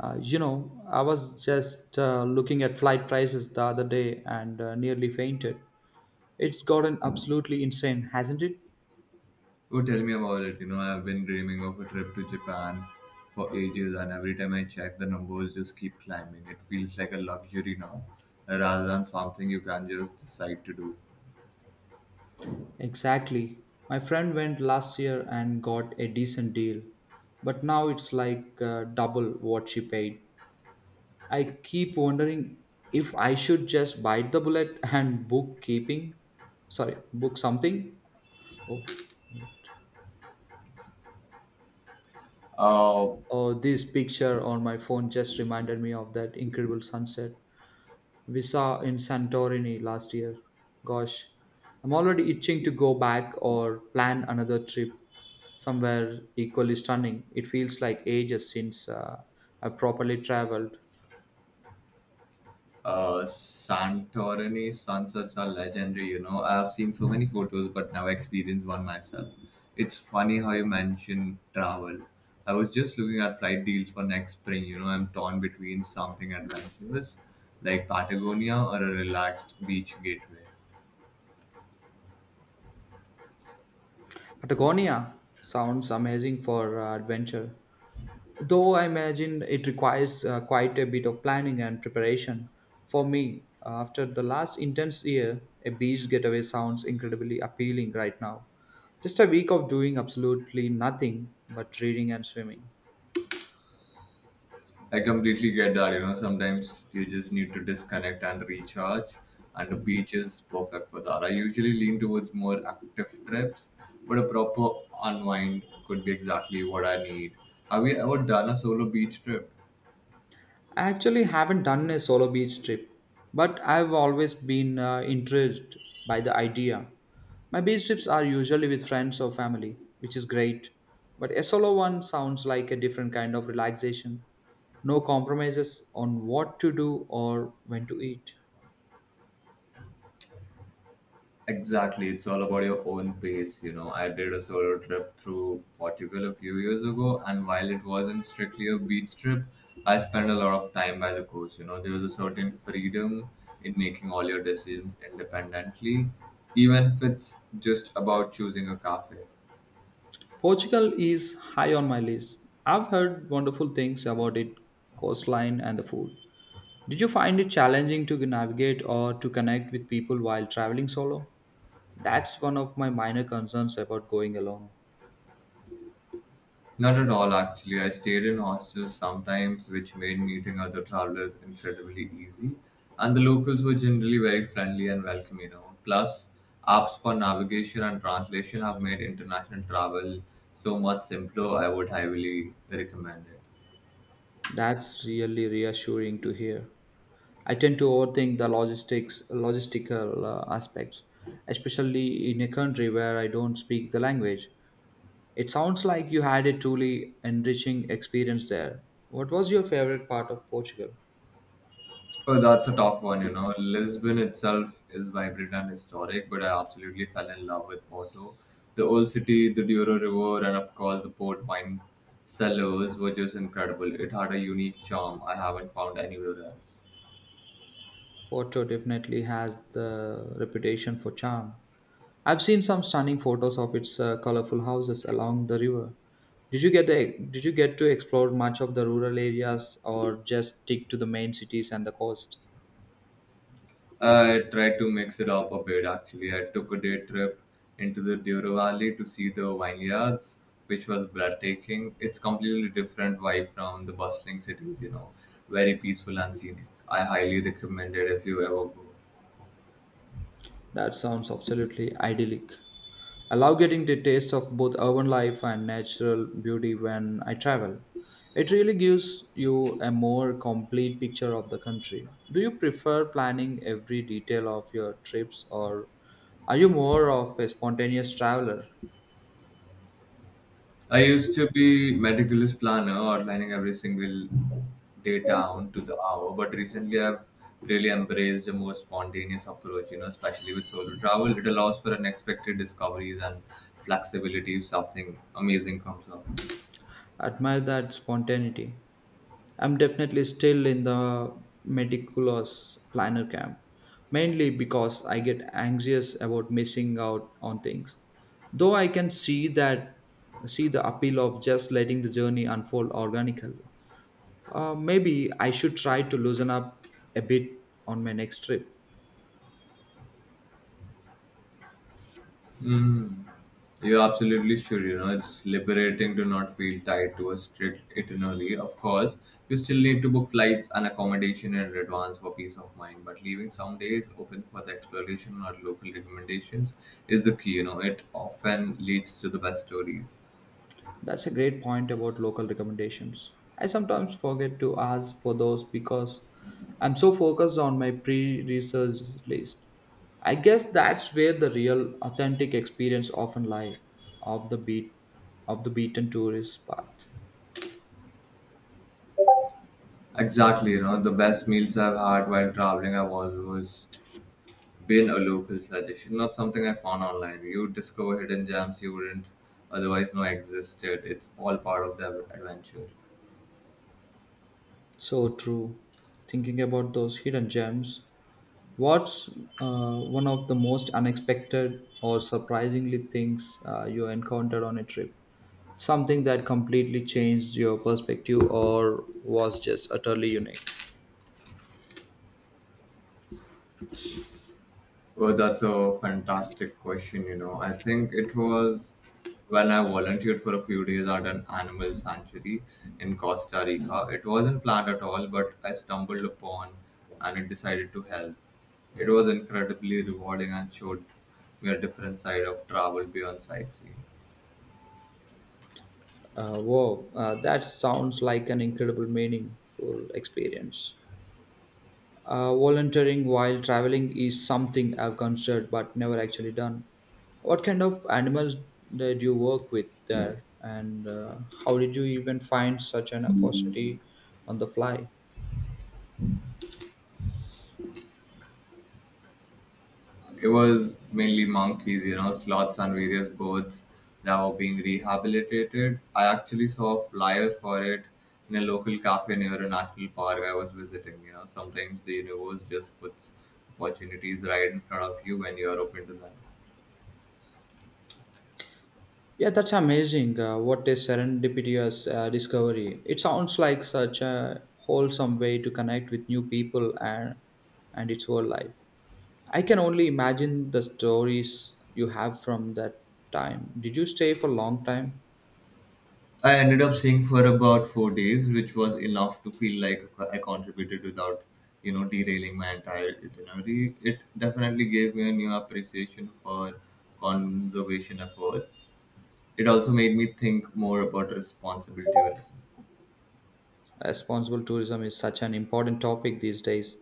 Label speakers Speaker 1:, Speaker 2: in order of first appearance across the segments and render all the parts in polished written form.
Speaker 1: I was just looking at flight prices the other day and nearly fainted. It's gotten absolutely insane, hasn't it?
Speaker 2: Oh, tell me about it. You know, I've been dreaming of a trip to Japan for ages, and every time I check, the numbers just keep climbing. It feels like a luxury now, rather than something you can just decide to do.
Speaker 1: Exactly. My friend went last year and got a decent deal, but now it's like double what she paid. I keep wondering if I should just bite the bullet and book keeping. Sorry, book something. Oh, wait.
Speaker 2: Uh,
Speaker 1: Oh, this picture on my phone just reminded me of that incredible sunset. We saw in Santorini last year. Gosh, I'm already itching to go back or plan another trip somewhere equally stunning. It feels like ages since I've properly traveled.
Speaker 2: Santorini sunsets are legendary, you know. I've seen so many photos but never experienced one myself. It's funny how you mention travel. I was just looking at flight deals for next spring, you know. I'm torn between something adventurous like Patagonia or a relaxed beach gateway.
Speaker 1: Patagonia sounds amazing for adventure. Though I imagine it requires quite a bit of planning and preparation. For me, after the last intense year, a beach getaway sounds incredibly appealing right now. Just a week of doing absolutely nothing but reading and swimming.
Speaker 2: I completely get that. You know, sometimes you just need to disconnect and recharge, and the beach is perfect for that. I usually lean towards more active trips, but a proper unwind could be exactly what I need. Have you ever done a solo beach trip?
Speaker 1: I actually haven't done a solo beach trip, but I've always been intrigued by the idea. My beach trips are usually with friends or family, which is great, but a solo one sounds like a different kind of relaxation. No compromises on what to do or when to eat.
Speaker 2: Exactly, it's all about your own pace. You know, I did a solo trip through Portugal a few years ago, and while it wasn't strictly a beach trip, I spent a lot of time by the coast. You know, there was a certain freedom in making all your decisions independently, even if it's just about choosing a cafe.
Speaker 1: Portugal is high on my list. I've heard wonderful things about its coastline and the food. Did you find it challenging to navigate or to connect with people while traveling solo? That's one of my minor concerns about going alone.
Speaker 2: Not at all, actually. I stayed in hostels sometimes, which made meeting other travelers incredibly easy. And the locals were generally very friendly and welcoming, you know. Plus, apps for navigation and translation have made international travel so much simpler. I would highly recommend it.
Speaker 1: That's really reassuring to hear. I tend to overthink logistical aspects, especially in a country where I don't speak the language. It sounds like you had a truly enriching experience there. What was your favorite part of Portugal?
Speaker 2: Oh, that's a tough one, you know. Lisbon itself is vibrant and historic, but I absolutely fell in love with Porto. The old city, the Douro River, and of course the port wine cellars were just incredible. It had a unique charm I haven't found anywhere else.
Speaker 1: Porto definitely has the reputation for charm. I've seen some stunning photos of its colorful houses along the river. Did you get to explore much of the rural areas or just stick to the main cities and the coast?
Speaker 2: I tried to mix it up a bit actually. I took a day trip into the Douro Valley to see the vineyards, which was breathtaking. It's completely different vibe from the bustling cities, you know, very peaceful and scenic. I highly recommend it if you ever go.
Speaker 1: That sounds absolutely idyllic. I love getting the taste of both urban life and natural beauty when I travel. It really gives you a more complete picture of the country. Do you prefer planning every detail of your trips or are you more of a spontaneous traveler?
Speaker 2: I used to be meticulous planner, outlining every single day down to the hour. But recently, I've really embraced a more spontaneous approach. You know, especially with solo travel, it allows for unexpected discoveries and flexibility if something amazing comes up.
Speaker 1: Admire that spontaneity. I'm definitely still in the meticulous planner camp, mainly because I get anxious about missing out on things. Though I can see the appeal of just letting the journey unfold organically. Maybe I should try to loosen up a bit on my next trip.
Speaker 2: Mm. You absolutely should. You know, it's liberating to not feel tied to a strict itinerary. Of course, you still need to book flights and accommodation in advance for peace of mind, but leaving some days open for the exploration or local recommendations is the key. You know, it often leads to the best stories.
Speaker 1: That's a great point about local recommendations. I sometimes forget to ask for those because I'm so focused on my pre research list. I guess that's where the real authentic experience often lie of the beat of the beaten tourist path.
Speaker 2: Exactly, you know, the best meals I've had while traveling, I've always been a local suggestion, not something I found online. You discover hidden gems you wouldn't otherwise know existed. It's all part of the adventure.
Speaker 1: So true. Thinking about those hidden gems, what's one of the most unexpected or surprisingly things you encountered on a trip? Something that completely changed your perspective or was just utterly unique?
Speaker 2: Well, that's a fantastic question, you know. I think it was when I volunteered for a few days at an animal sanctuary in Costa Rica. It wasn't planned at all, but I stumbled upon and it decided to help. It was incredibly rewarding and showed me a different side of travel beyond sightseeing.
Speaker 1: Wow, that sounds like an incredible, meaningful experience. Volunteering while traveling is something I've considered but never actually done. What kind of animals did you work with there, and how did you even find such an opportunity on the fly?
Speaker 2: It was mainly monkeys, you know, sloths and various birds that were being rehabilitated. I actually saw a flyer for it in a local cafe near a national park I was visiting. You know, sometimes the universe just puts opportunities right in front of you when you are open to them.
Speaker 1: Yeah, that's amazing. What a serendipitous discovery. It sounds like such a wholesome way to connect with new people and its whole life. I can only imagine the stories you have from that time. Did you stay for a long time?
Speaker 2: I ended up staying for about 4 days, which was enough to feel like I contributed without, you know, derailing my entire itinerary. It definitely gave me a new appreciation for conservation efforts. It also made me think more about responsibility.
Speaker 1: Responsible tourism is such an important topic these days,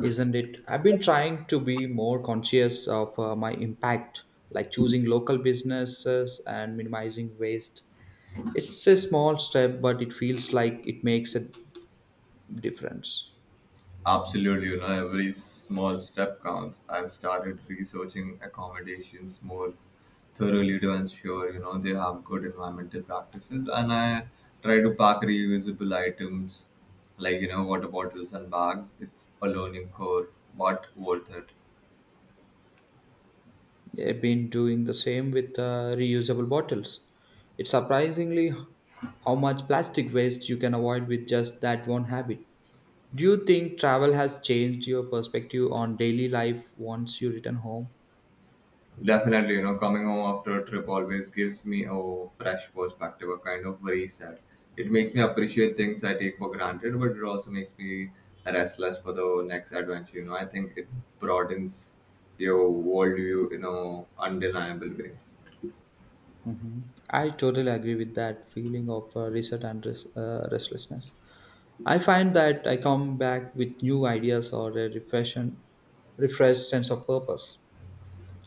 Speaker 1: isn't it? I've been trying to be more conscious of my impact, like choosing local businesses and minimizing waste. It's a small step, but it feels like it makes a difference.
Speaker 2: Absolutely, you know, every small step counts. I've started researching accommodations more thoroughly to ensure, you know, they have good environmental practices. And I try to pack reusable items like, you know, water bottles and bags. It's a learning curve, but worth it.
Speaker 1: I've been doing the same with reusable bottles. It's surprisingly how much plastic waste you can avoid with just that one habit. Do you think travel has changed your perspective on daily life once you return home?
Speaker 2: Definitely, you know, coming home after a trip always gives me a fresh perspective, a kind of reset. It makes me appreciate things I take for granted, but it also makes me restless for the next adventure. You know, I think it broadens your worldview in a undeniable way.
Speaker 1: Hmm. I totally agree with that feeling of reset and restlessness. I find that I come back with new ideas or a refreshed sense of purpose.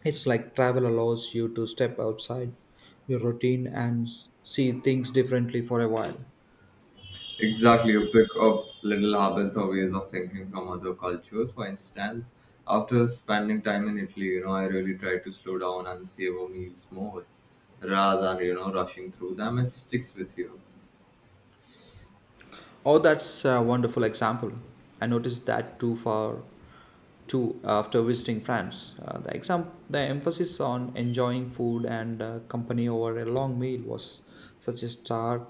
Speaker 1: It's like travel allows you to step outside your routine and see things differently for a while.
Speaker 2: Exactly, you pick up little habits or ways of thinking from other cultures. For instance, after spending time in Italy, you know, I really try to slow down and savor meals more rather than, you know, rushing through them. It sticks with you.
Speaker 1: Oh, that's a wonderful example. I noticed that too after visiting France. The emphasis on enjoying food and company over a long meal was such a stark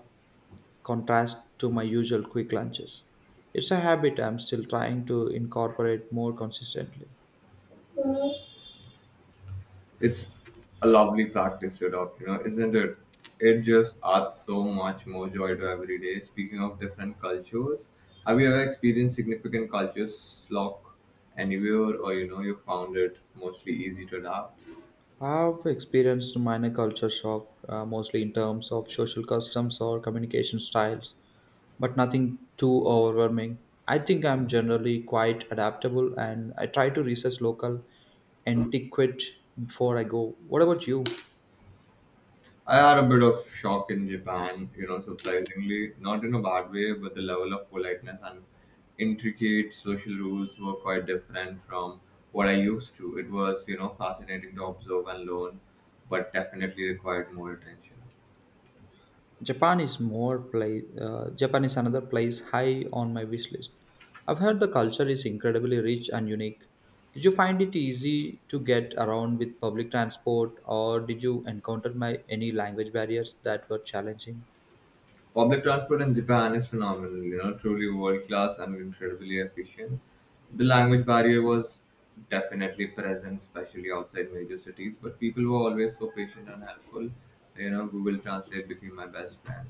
Speaker 1: contrast to my usual quick lunches. It's a habit I'm still trying to incorporate more consistently.
Speaker 2: It's a lovely practice to adopt, you know, isn't it? It just adds so much more joy to every day. Speaking of different cultures, have you ever experienced significant culture shock anywhere, or you know, you found it mostly easy to adapt?
Speaker 1: I've experienced minor culture shock, mostly in terms of social customs or communication styles, but nothing too overwhelming. I think I'm generally quite adaptable and I try to research local antiquette before I go. What about you?
Speaker 2: I had a bit of shock in Japan, you know, surprisingly, not in a bad way, but the level of politeness and intricate social rules were quite different from what I used to. It was, you know, fascinating to observe and learn, but definitely required more attention.
Speaker 1: Japan is more place. Japan is another place high on my wish list. I've heard the culture is incredibly rich and unique. Did you find it easy to get around with public transport, or did you encounter any language barriers that were challenging?
Speaker 2: Public transport in Japan is phenomenal, you know, truly world class and incredibly efficient. The language barrier was definitely present, especially outside major cities, but people were always so patient and helpful. You know, Google Translate became my best friend.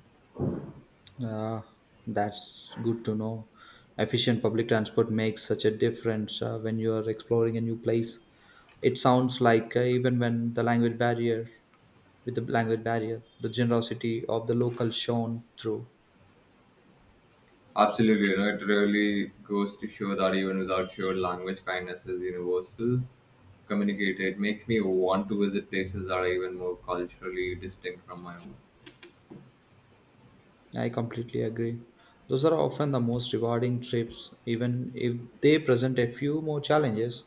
Speaker 1: Uh, that's good to know. Efficient public transport makes such a difference when you are exploring a new place. It sounds like even when the language barrier, with the language barrier, the generosity of the local shone through.
Speaker 2: Absolutely, you know, it really goes to show that even without shared language, kindness is universal. Communicated it makes me want to visit places that are even more culturally distinct from my own.
Speaker 1: I completely agree. Those are often the most rewarding trips, even if they present a few more challenges.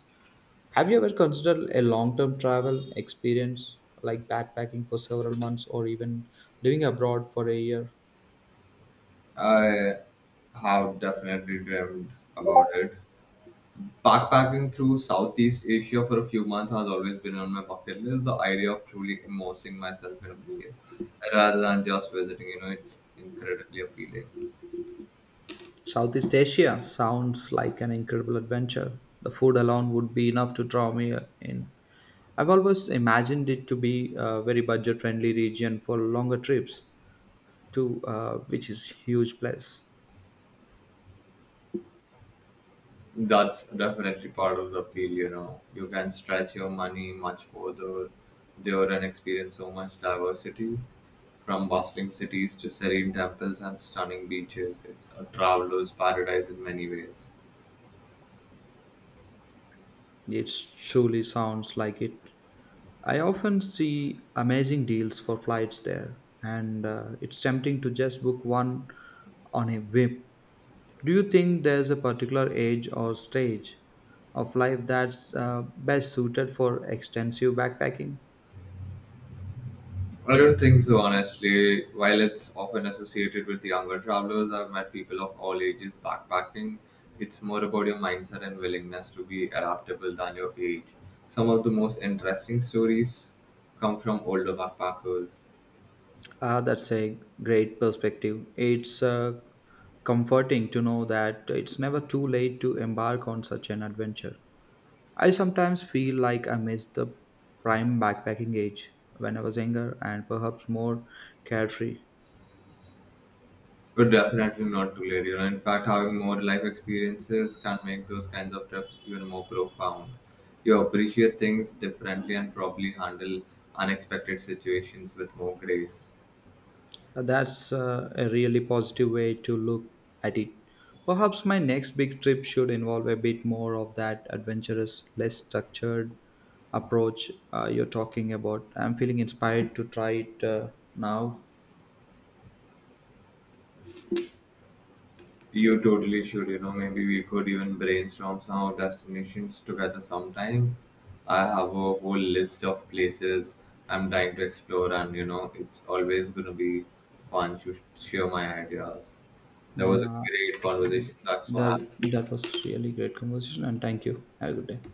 Speaker 1: Have you ever considered a long term travel experience like backpacking for several months or even living abroad for a year?
Speaker 2: I have definitely dreamed about it. Backpacking through Southeast Asia for a few months has always been on my bucket list. The idea of truly immersing myself in a place rather than just visiting, you know, it's incredibly appealing.
Speaker 1: Southeast Asia sounds like an incredible adventure. The food alone would be enough to draw me in. I've always imagined it to be a very budget friendly region for longer trips, too, which is huge plus.
Speaker 2: That's definitely part of the appeal, you know. You can stretch your money much further there and experience so much diversity from bustling cities to serene temples and stunning beaches. It's a traveler's paradise in many ways.
Speaker 1: It truly sounds like it. I often see amazing deals for flights there, and it's tempting to just book one on a whim. Do you think there's a particular age or stage of life that's best suited for extensive backpacking?
Speaker 2: I don't think so, honestly. While it's often associated with younger travelers, I've met people of all ages backpacking. It's more about your mindset and willingness to be adaptable than your age. Some of the most interesting stories come from older backpackers,
Speaker 1: Ah, that's a great perspective. It's comforting to know that it's never too late to embark on such an adventure. I sometimes feel like I missed the prime backpacking age when I was younger and perhaps more carefree.
Speaker 2: but definitely not too late. You know, in fact, having more life experiences can make those kinds of trips even more profound. You appreciate things differently and probably handle unexpected situations with more grace.
Speaker 1: That's a really positive way to look at it. Perhaps my next big trip should involve a bit more of that adventurous, less structured approach you're talking about. I'm feeling inspired to try it now.
Speaker 2: You totally should, you know, maybe we could even brainstorm some of destinations together sometime. I have a whole list of places I'm dying to explore, and you know, it's always gonna be fun to share my ideas. That was a
Speaker 1: Yeah,
Speaker 2: great conversation. That's what
Speaker 1: that
Speaker 2: happened.
Speaker 1: that was really great conversation and thank you. Have a good day.